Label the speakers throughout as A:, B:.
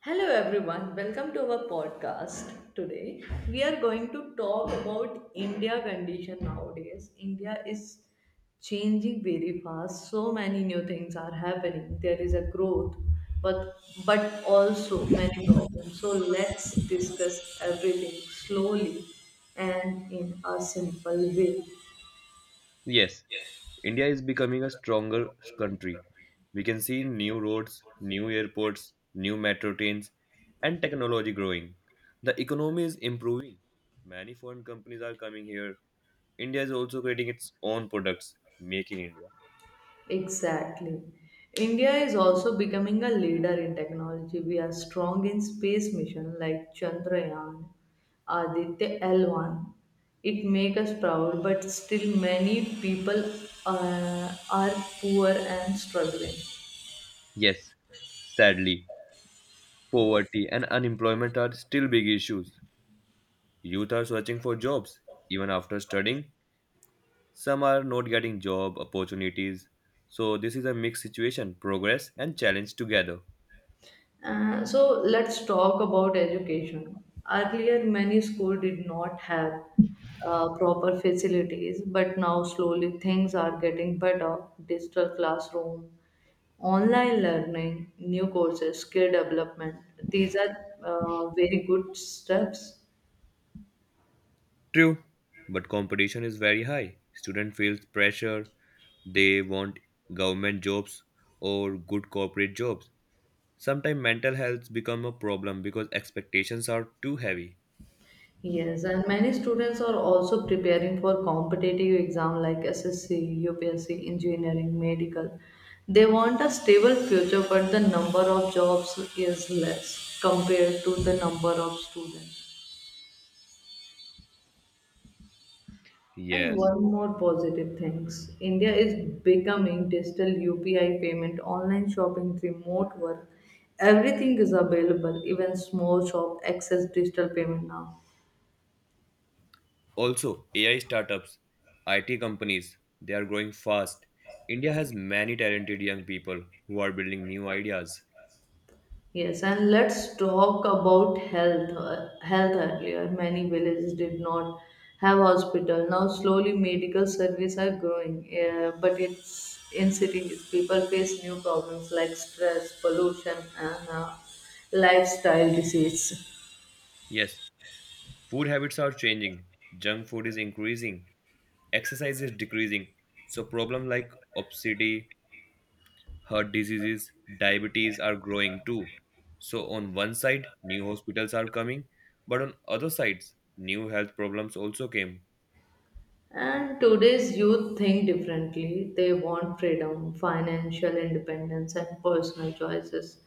A: Hello everyone, welcome to our podcast. Today we are going to talk about India condition nowadays. India is changing very fast. So many new things are happening. There is a growth, but also many problems. So let's discuss everything slowly and in a simple way.
B: Yes, India is becoming a stronger country. We can see new roads, new airports, new metro trains, and technology growing. The economy is improving. Many foreign companies are coming here. India is also creating its own products, making India.
A: Exactly. India is also becoming a leader in technology. We are strong in space mission like Chandrayaan, Aditya L1. It makes us proud, but still many people are poor and struggling.
B: Yes, sadly, poverty and unemployment are still big issues. Youth are searching for jobs. Even after studying, some are not getting job opportunities. So, this is a mixed situation, progress and challenge together.
A: So let's talk about education. Earlier, many schools did not have proper facilities, but now slowly things are getting better. Digital classroom, online learning, new courses, skill development. These are very good steps.
B: True, but competition is very high. Student feels pressure. They want government jobs or good corporate jobs. Sometimes mental health become a problem because expectations are too heavy.
A: Yes, and many students are also preparing for competitive exam like SSC, UPSC, engineering, medical. They want a stable future, but the number of jobs is less compared to the number of students. And
B: Yes.
A: one more positive things, India is becoming digital UPI payment, online shopping, remote work. Everything is available. Even small shop access digital payment now.
B: Also, AI startups, IT companies, they are growing fast. India has many talented young people who are building new ideas.
A: Yes, and let's talk about health. Health earlier, many villages did not have hospital. Now, slowly, medical services are growing, but it's in cities people face new problems like stress, pollution, and lifestyle disease.
B: Yes, food habits are changing. Junk food is increasing. Exercise is decreasing. So problems like obesity, heart diseases, diabetes are growing too. So on one side, new hospitals are coming, but on other sides, new health problems also came.
A: And today's youth think differently. They want freedom, financial independence, and personal choices.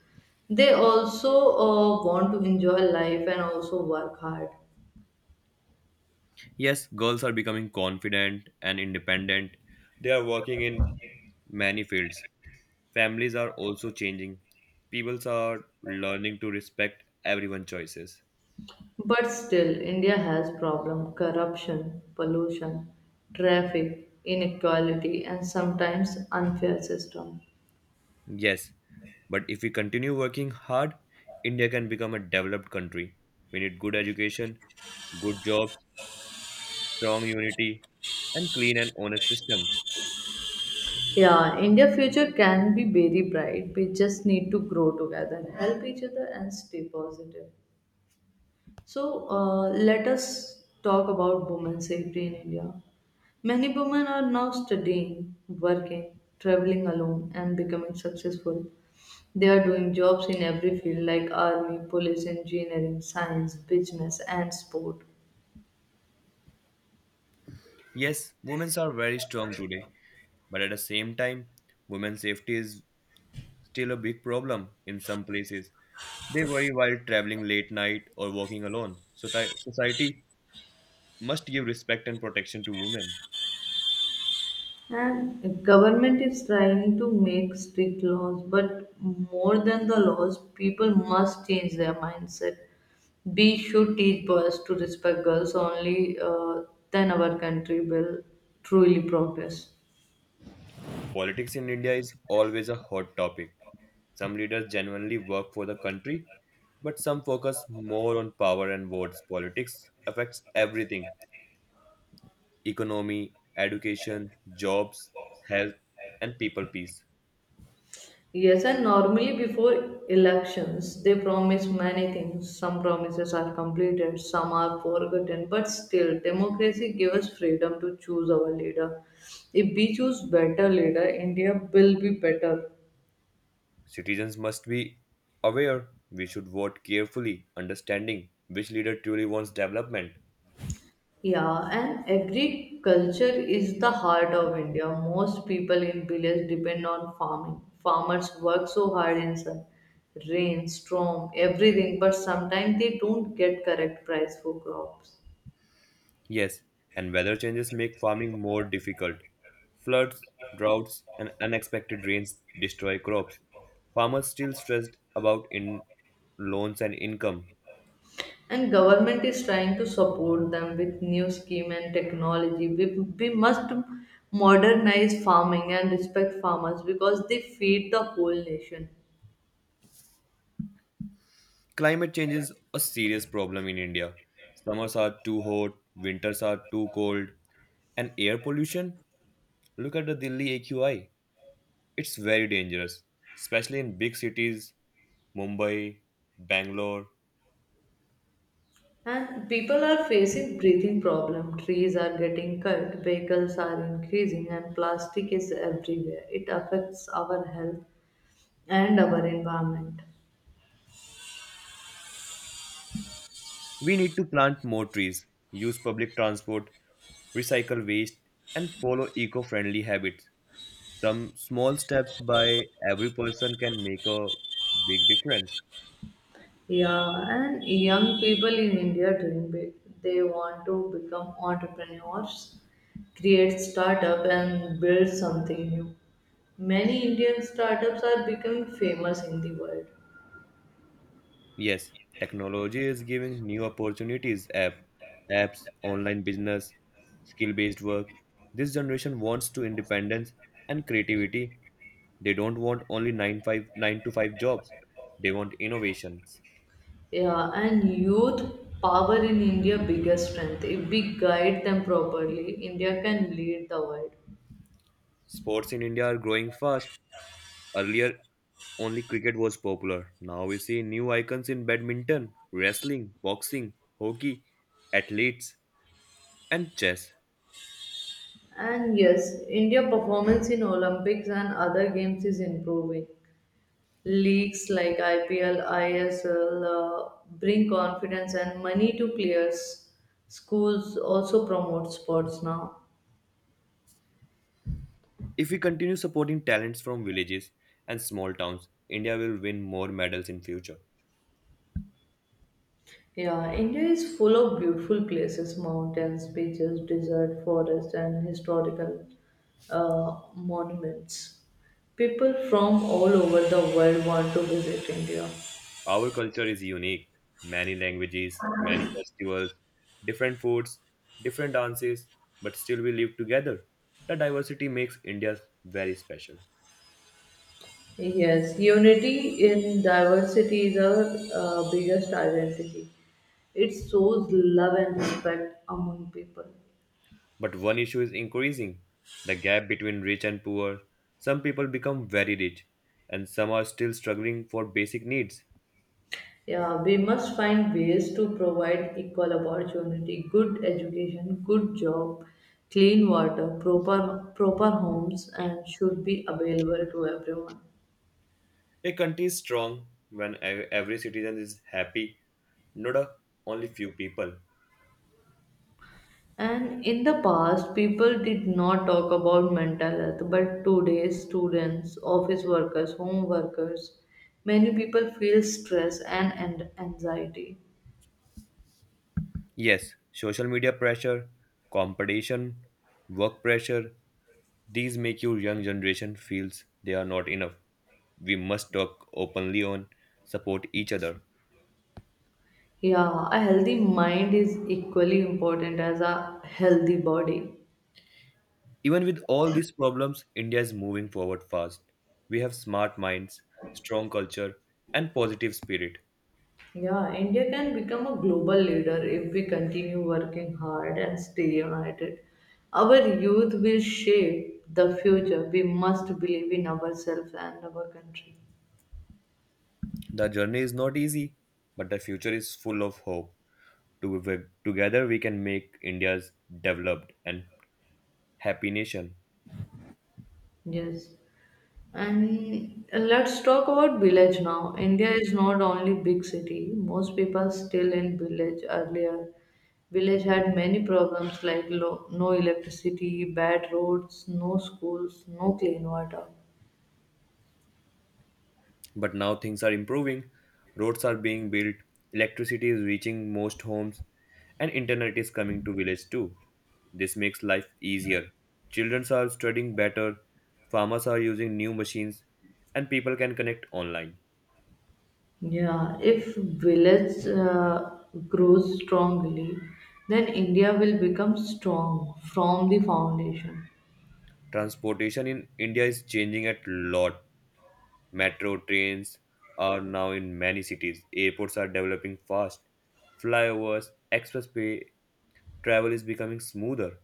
A: They also want to enjoy life and also work hard.
B: Yes, girls are becoming confident and independent. They are working in many fields. Families are also changing. Peoples are learning to respect everyone's choices.
A: But still, India has problem corruption, pollution, traffic, inequality, and sometimes unfair system.
B: Yes, but if we continue working hard, India can become a developed country. We need good education, good jobs, strong unity, and clean and honest systems.
A: Yeah, India future can be very bright. We just need to grow together, help each other, and stay positive. So let us talk about women's safety in India. Many women are now studying, working, traveling alone, and becoming successful. They are doing jobs in every field like army, police, engineering, science, business, and sport.
B: Yes, women are very strong today, but at the same time, women's safety is still a big problem in some places. They worry while traveling late night or walking alone. So society must give respect and protection to women.
A: And government is trying to make strict laws, but more than the laws, people must change their mindset. We should teach boys to respect girls only, then our country will truly progress.
B: Politics in India is always a hot topic. Some leaders genuinely work for the country, but some focus more on power and votes. Politics affects everything: economy, education, jobs, health, and people peace.
A: Yes, and normally before elections, they promise many things. Some promises are completed, some are forgotten, but still, democracy gives us freedom to choose our leader. If we choose better leader, India will be better.
B: Citizens must be aware. We should vote carefully, understanding which leader truly wants development.
A: Yeah, and agriculture is the heart of India. Most people in village depend on farming. Farmers work so hard in sun, rain, storm, everything, but sometimes they don't get correct price for crops.
B: Yes, and weather changes make farming more difficult. Floods, droughts, and unexpected rains destroy crops. Farmers still stressed about in loans and income.
A: And government is trying to support them with new scheme and technology. We must modernize farming and respect farmers because they feed the whole nation.
B: Climate change is a serious problem in India. Summers are too hot, winters are too cold, and air pollution. Look at the Delhi AQI. It's very dangerous, especially in big cities, Mumbai, Bangalore.
A: And people are facing breathing problem. Trees are getting cut, vehicles are increasing, and plastic is everywhere. It affects our health and our environment.
B: We need to plant more trees, use public transport, recycle waste, and follow eco friendly habits. Some small steps by every person can make a big difference.
A: Yeah, and young people in India dream big. They want to become entrepreneurs, create startup, and build something new. Many Indian startups are becoming famous in the world.
B: Yes, technology is giving new opportunities, apps, online business, skill based work. This generation wants to independence and creativity. They don't want only 959 to 5 jobs. They want innovations.
A: Yeah, and youth power in India biggest strength. If we guide them properly, India can lead the world.
B: Sports in India are growing fast. Earlier only cricket was popular. Now we see new icons in badminton, wrestling, boxing, hockey, athletes and chess.
A: And yes, India performance in Olympics and other games is improving. Leagues like IPL, ISL bring confidence and money to players. Schools also promote sports now.
B: If we continue supporting talents from villages and small towns, India will win more medals in future.
A: Yeah, India is full of beautiful places, mountains, beaches, desert, forests, and historical monuments. People from all over the world want to visit India.
B: Our culture is unique. Many languages, many festivals, different foods, different dances, but still we live together. The diversity makes India very special.
A: Yes, unity in diversity is our biggest identity. It shows love and respect among people.
B: But one issue is increasing the gap between rich and poor. Some people become very rich, and some are still struggling for basic needs.
A: Yeah, we must find ways to provide equal opportunity, good education, good job, clean water, proper homes and should be available to everyone.
B: A country is strong when every citizen is happy, not a, only few people.
A: And in the past people did not talk about mental health, but today students, office workers, home workers, many people feel stress and anxiety.
B: Yes, social media pressure, competition, work pressure, these make your young generation feels they are not enough. We must talk openly on support each other.
A: Yeah, a healthy mind is equally important as a healthy body.
B: Even with all these problems, India is moving forward fast. We have smart minds, strong culture, and positive spirit.
A: Yeah, India can become a global leader if we continue working hard and stay united. Our youth will shape the future. We must believe in ourselves and our country.
B: The journey is not easy, but the future is full of hope. Together we can make India's developed and happy nation.
A: Yes. And let's talk about village now. India is not only big city. Most people still in village earlier. Village had many problems like no electricity, bad roads, no schools, no clean water.
B: But now things are improving. Roads are being built, electricity is reaching most homes, and internet is coming to village too. This makes life easier. Children are studying better, farmers are using new machines, and people can connect online.
A: Yeah, if village grows strongly, then India will become strong from the foundation.
B: Transportation in India is changing a lot. Metro trains are now in many cities. Airports are developing fast. Flyovers, expressway travel is becoming smoother.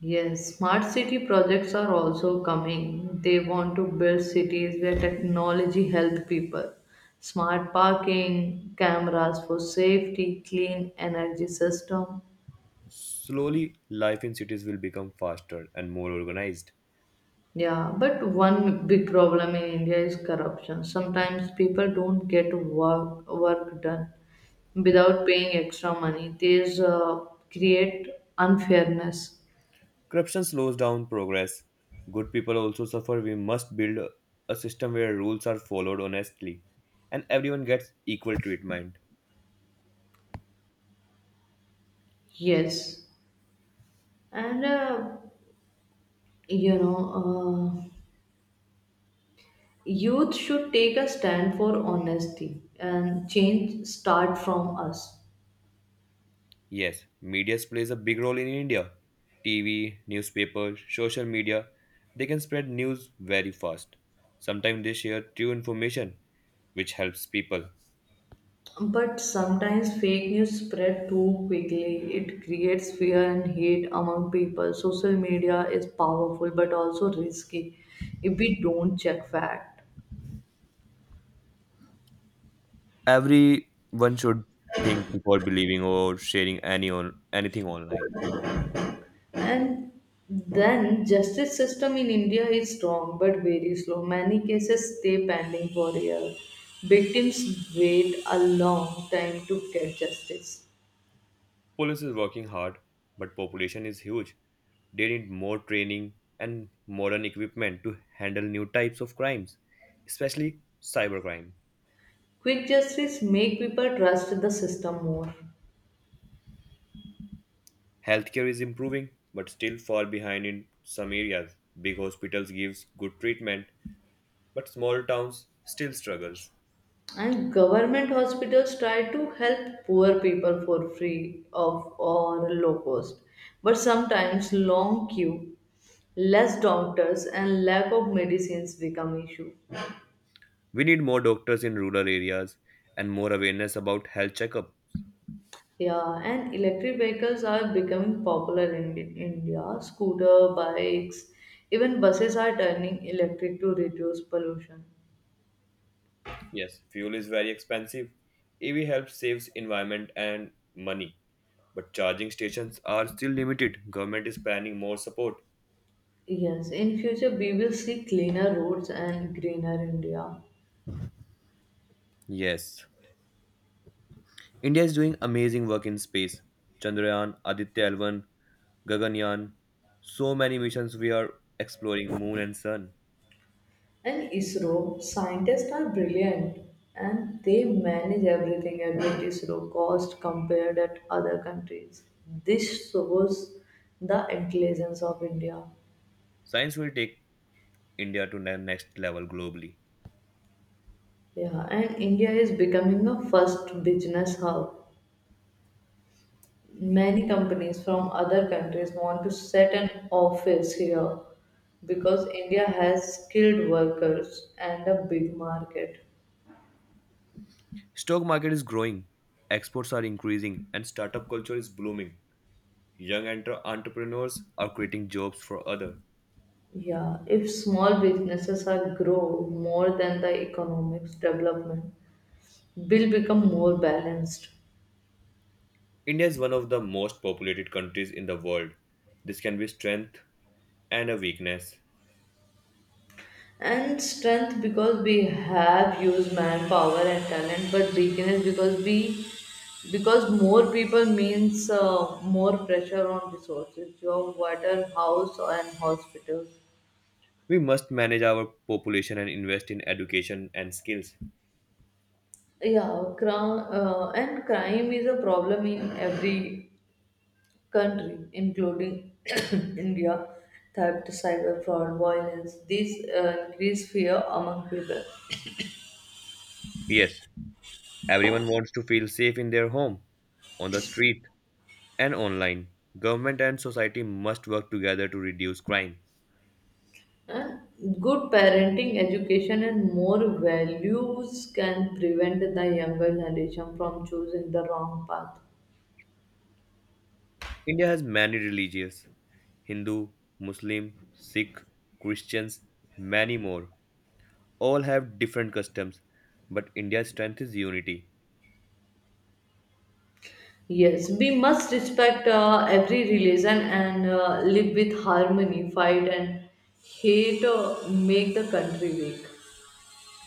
A: Yes, smart city projects are also coming. They want to build cities where technology helps people. Smart parking, cameras for safety, clean energy system.
B: Slowly, life in cities will become faster and more organized.
A: Yeah, but one big problem in India is corruption. Sometimes people don't get work done without paying extra money. These create unfairness.
B: Corruption slows down progress. Good people also suffer. We must build a system where rules are followed honestly and everyone gets equal treatment.
A: Yes, and you know, uh, youth should take a stand for honesty and change start from us.
B: Yes, media plays a big role in India. TV, newspapers, social media, they can spread news very fast. Sometimes they share true information, which helps people.
A: But sometimes fake news spread too quickly. It creates fear and hate among people. Social media is powerful but also risky if we don't check fact.
B: Everyone should think before believing or sharing anything online.
A: And then justice system in India is strong but very slow. Many cases stay pending for years. Victims wait a long time to get justice.
B: Police is working hard, but population is huge. They need more training and modern equipment to handle new types of crimes, especially cybercrime.
A: Quick justice make people trust the system more.
B: Healthcare is improving, but still far behind in some areas. Big hospitals gives good treatment, but small towns still struggles.
A: And government hospitals try to help poor people for free of or low cost, but sometimes long queue, less doctors and lack of medicines become issue.
B: We need more doctors in rural areas and more awareness about health checkup.
A: Yeah, and electric vehicles are becoming popular in India, scooter bikes, even buses are turning electric to reduce pollution.
B: Yes, fuel is very expensive. EV helps saves environment and money, but charging stations are still limited. Government is planning more support.
A: Yes, in future we will see cleaner roads and greener India.
B: Yes. India is doing amazing work in space. Chandrayaan, Aditya L1, Gaganyaan, so many missions we are exploring moon and sun.
A: And ISRO, scientists are brilliant and they manage everything at what ISRO cost compared at other countries. This shows the intelligence of India.
B: Science will take India to the next level globally.
A: Yeah, and India is becoming a first business hub. Many companies from other countries want to set an office here because India has skilled workers and a big market.
B: Stock market is growing, exports are increasing, and startup culture is blooming. Young entrepreneurs are creating jobs for others.
A: Yeah, if small businesses are grow more than the economics development will become more balanced.
B: India is one of the most populated countries in the world. This can be strength and a weakness.
A: And strength because we have used manpower and talent, but weakness because we because more people means more pressure on resources, job, water, house, and hospitals.
B: We must manage our population and invest in education and skills.
A: Yeah, crime is a problem in every country, including India, theft, cyber fraud, violence. These increase fear among people.
B: Yes, everyone wants to feel safe in their home, on the street, and online. Government and society must work together to reduce crime.
A: And good parenting, education, and more values can prevent the younger generation from choosing the wrong path.
B: India has many religions: Hindu, Muslim, Sikh, Christians, many more. All have different customs, but India's strength is unity.
A: Yes, we must respect every religion and live with harmony, fight, and hate make the country weak.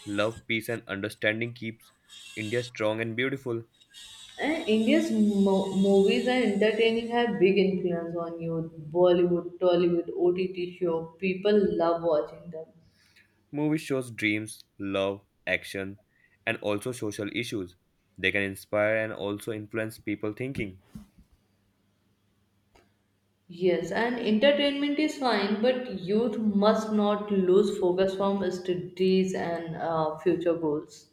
B: Love, peace, and understanding keeps India strong and beautiful.
A: And India's movies and entertaining have big influence on youth. Bollywood, Tollywood, OTT show. People love watching them.
B: Movies shows dreams, love, action, and also social issues. They can inspire and also influence people thinking.
A: Yes, and entertainment is fine, but youth must not lose focus from studies and future goals.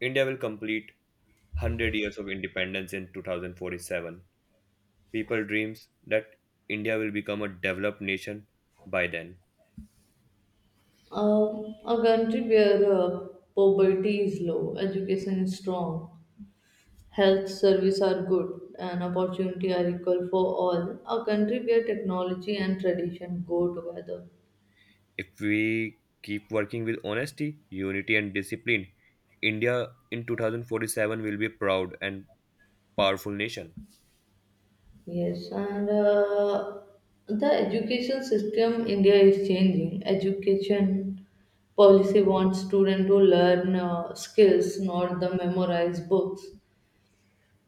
B: India will complete 100 years of independence in 2047. People dreams that India will become a developed nation by then.
A: A country where poverty is low, education is strong, health service are good, and opportunity are equal for all. A country where technology and tradition go together.
B: If we keep working with honesty, unity and discipline, India in 2047 will be a proud and powerful nation.
A: Yes, and the education system India is changing. Education policy wants students to learn skills, not the memorized books.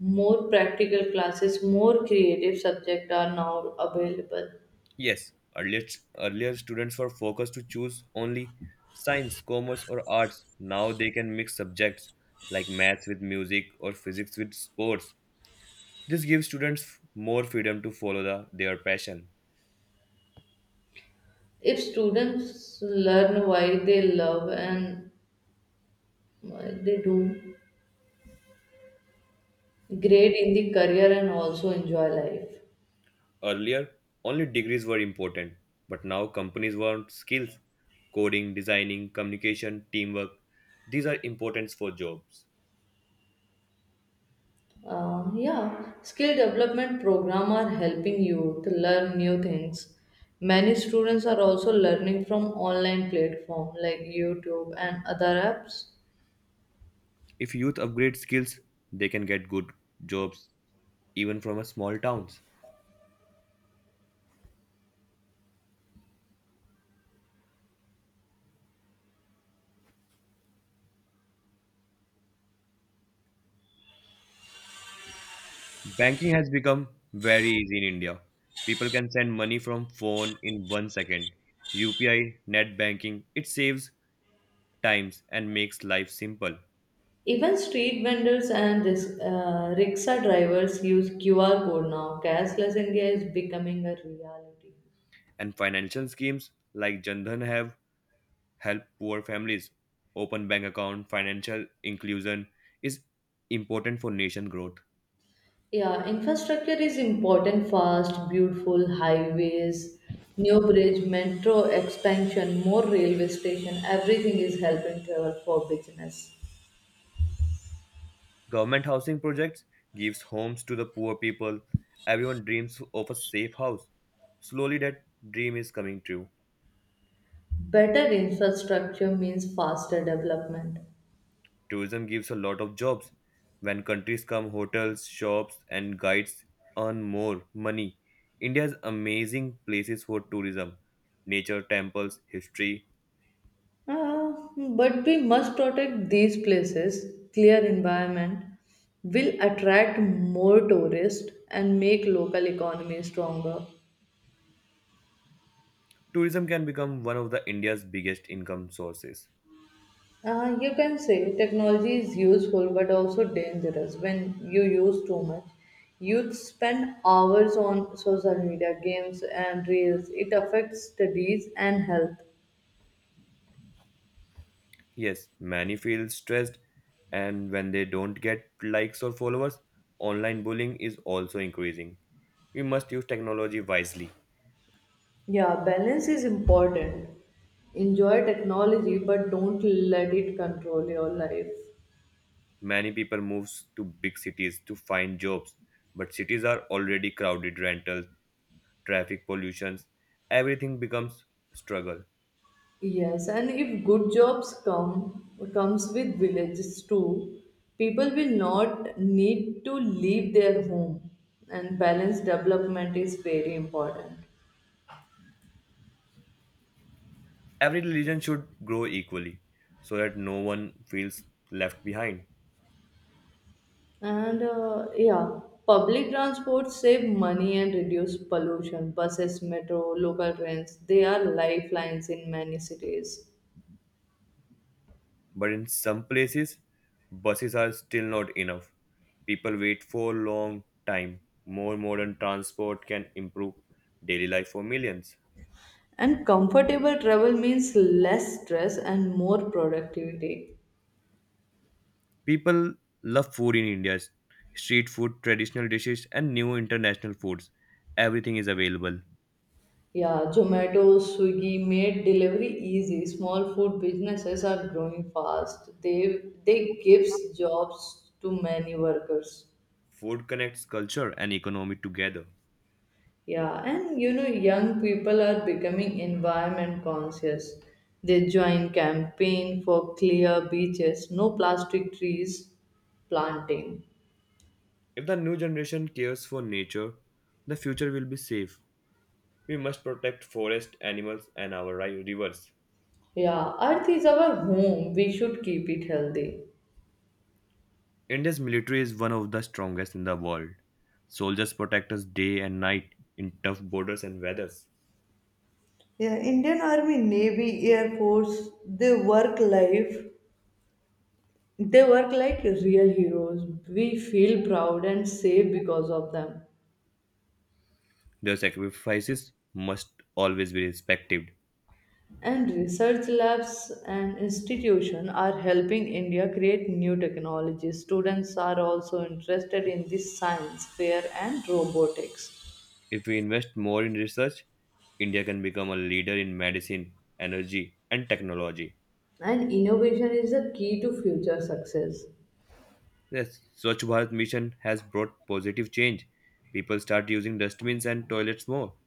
A: More practical classes, more creative subjects are now available.
B: Yes, earlier, students were focused to choose only science, commerce, or arts. Now they can mix subjects like maths with music or physics with sports. This gives students more freedom to follow their passion.
A: If students learn why they love and why they do great in the career and also enjoy life.
B: Earlier, only degrees were important, but now companies want skills: coding, designing, communication, teamwork. These are important for jobs.
A: Yeah, skill development program are helping you to learn new things. Many students are also learning from online platform like YouTube and other apps.
B: If youth upgrade skills, they can get good jobs even from a small towns. Banking has become very easy in India. People can send money from phone in 1 second. UPI, net banking, it saves times and makes life simple.
A: Even street vendors and rickshaw drivers use QR code now. Cashless India is becoming a reality.
B: And financial schemes like Jan Dhan have helped poor families. Open bank account, financial inclusion is important for nation growth.
A: Yeah, infrastructure is important, fast, beautiful highways, new bridge, metro expansion, more railway station, everything is helping travel for business.
B: Government housing projects gives homes to the poor people. Everyone dreams of a safe house. Slowly that dream is coming true.
A: Better infrastructure means faster development.
B: Tourism gives a lot of jobs. When countries come, hotels, shops, and guides earn more money. India has amazing places for tourism: nature, temples, history.
A: Ah, but we must protect these places. Clear environment will attract more tourists and make local economy stronger.
B: Tourism can become one of the India's biggest income sources.
A: Ah, you can say technology is useful but also dangerous when you use too much. Youth spend hours on social media, games, and reels. It affects studies and health.
B: Yes, many feel stressed, and when they don't get likes or followers, online bullying is also increasing. We must use technology wisely.
A: Yeah, balance is important. Enjoy technology, but don't let it control your life.
B: Many people move to big cities to find jobs, but cities are already crowded. Rentals, traffic pollutions, everything becomes struggle.
A: Yes, and if good jobs comes with villages too, people will not need to leave their home, and balanced development is very important.
B: Every religion should grow equally so that no one feels left behind.
A: And uh, yeah, public transport save money and reduce pollution. Buses, metro, local trains, they are lifelines in many cities.
B: But in some places, buses are still not enough. People wait for a long time. More modern transport can improve daily life for millions.
A: And comfortable travel means less stress and more productivity.
B: People love food in India: street food, traditional dishes, and new international foods. Everything is available.
A: Yeah, Zomato, Swiggy made delivery easy. Small food businesses are growing fast. They gives jobs to many workers.
B: Food connects culture and economy together.
A: Yeah, and you know young people are becoming environment conscious. They join campaign for clear beaches, no plastic trees planting.
B: If the new generation cares for nature, the future will be safe. We must protect forest, animals, and our rivers.
A: Yeah, earth is our home. We should keep it healthy.
B: India's military is one of the strongest in the world. Soldiers protect us day and night in tough borders and weathers.
A: Yeah, Indian Army, Navy, Air Force, they work life. They work like real heroes. We feel proud and safe because of them.
B: Their sacrifices must always be respected.
A: And research labs and institutions are helping India create new technologies. Students are also interested in the science fair and robotics.
B: If we invest more in research, India can become a leader in medicine, energy, and technology.
A: And innovation is the key to future success.
B: Yes, Swachh Bharat mission has brought positive change. People start using dustbins and toilets more.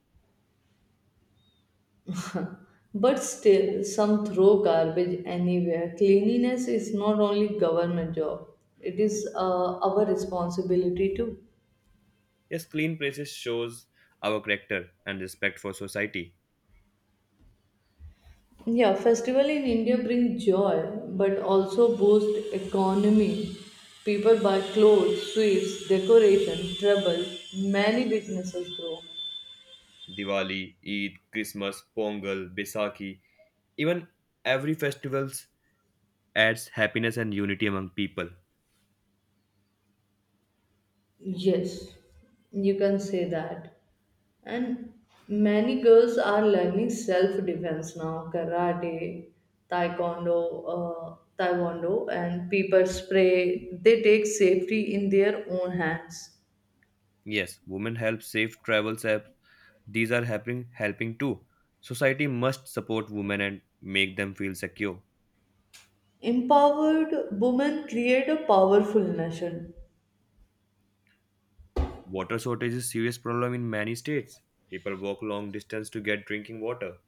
A: But still, some throw garbage anywhere. Cleanliness is not only government job; it is our responsibility too.
B: Yes, clean places shows our character and respect for society.
A: Yeah, festival in India bring joy, but also boost economy. People buy clothes, sweets, decoration, travel. Many businesses grow.
B: Diwali, Eid, Christmas, Pongal, Baisakhi, even every festivals adds happiness and unity among people.
A: Yes, you can say that. And many girls are learning self defense now karate, taekwondo, taekwondo, and pepper spray. They take safety in their own hands.
B: Yes, women help safe travels. These are helping too. Society must support women and make them feel secure.
A: Empowered women create a powerful nation.
B: Water shortage is a serious problem in many states. People walk long distance to get drinking water.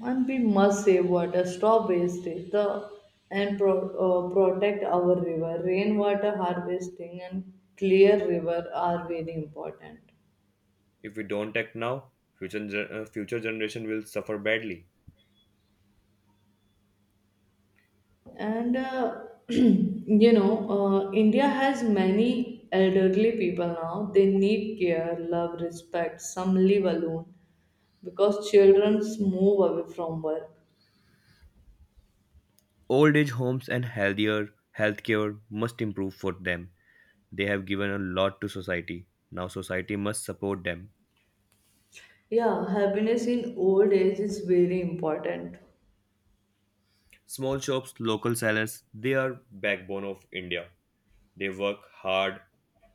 A: And we must save water, stop wastage, protect our river. Rainwater harvesting and clear river are very important.
B: If we don't act now, future generation will suffer badly.
A: And you know India has many elderly people now, they need care love respect, some live alone because children move away from work.
B: Old age homes and healthier healthcare must improve for them. They have given a lot to society. Now society must support them.
A: Yeah, happiness in old age is very important.
B: Small shops, local sellers, they are backbone of India. They work hard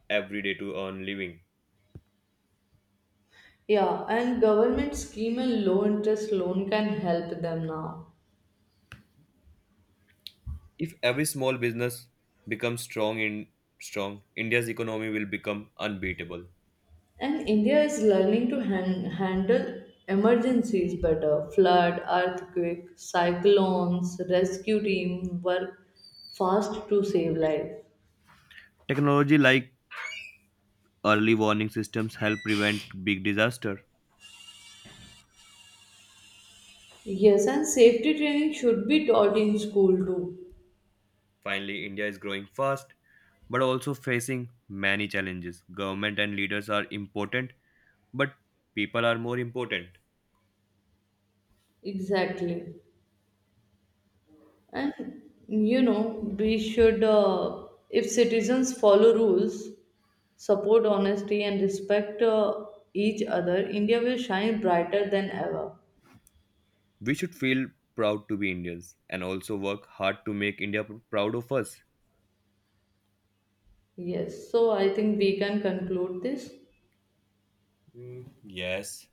B: every day to earn living.
A: Yeah, and government scheme and low interest loan can help them now.
B: If every small business becomes strong in strong, India's economy will become unbeatable.
A: And India is learning to handle emergencies better flood, earthquake, cyclones, rescue team work fast to save life.
B: Technology like early warning systems help prevent big disaster.
A: Yes, and safety training should be taught in school too.
B: Finally, India is growing fast but also facing many challenges. Government and leaders are important, but people are more important.
A: Exactly. And you know, we should, uh, if citizens follow rules, support honesty, and respect each other, India will shine brighter than ever.
B: We should feel proud to be Indians and also work hard to make India proud of us.
A: Yes, so I think we can conclude this.
B: Mm, yes,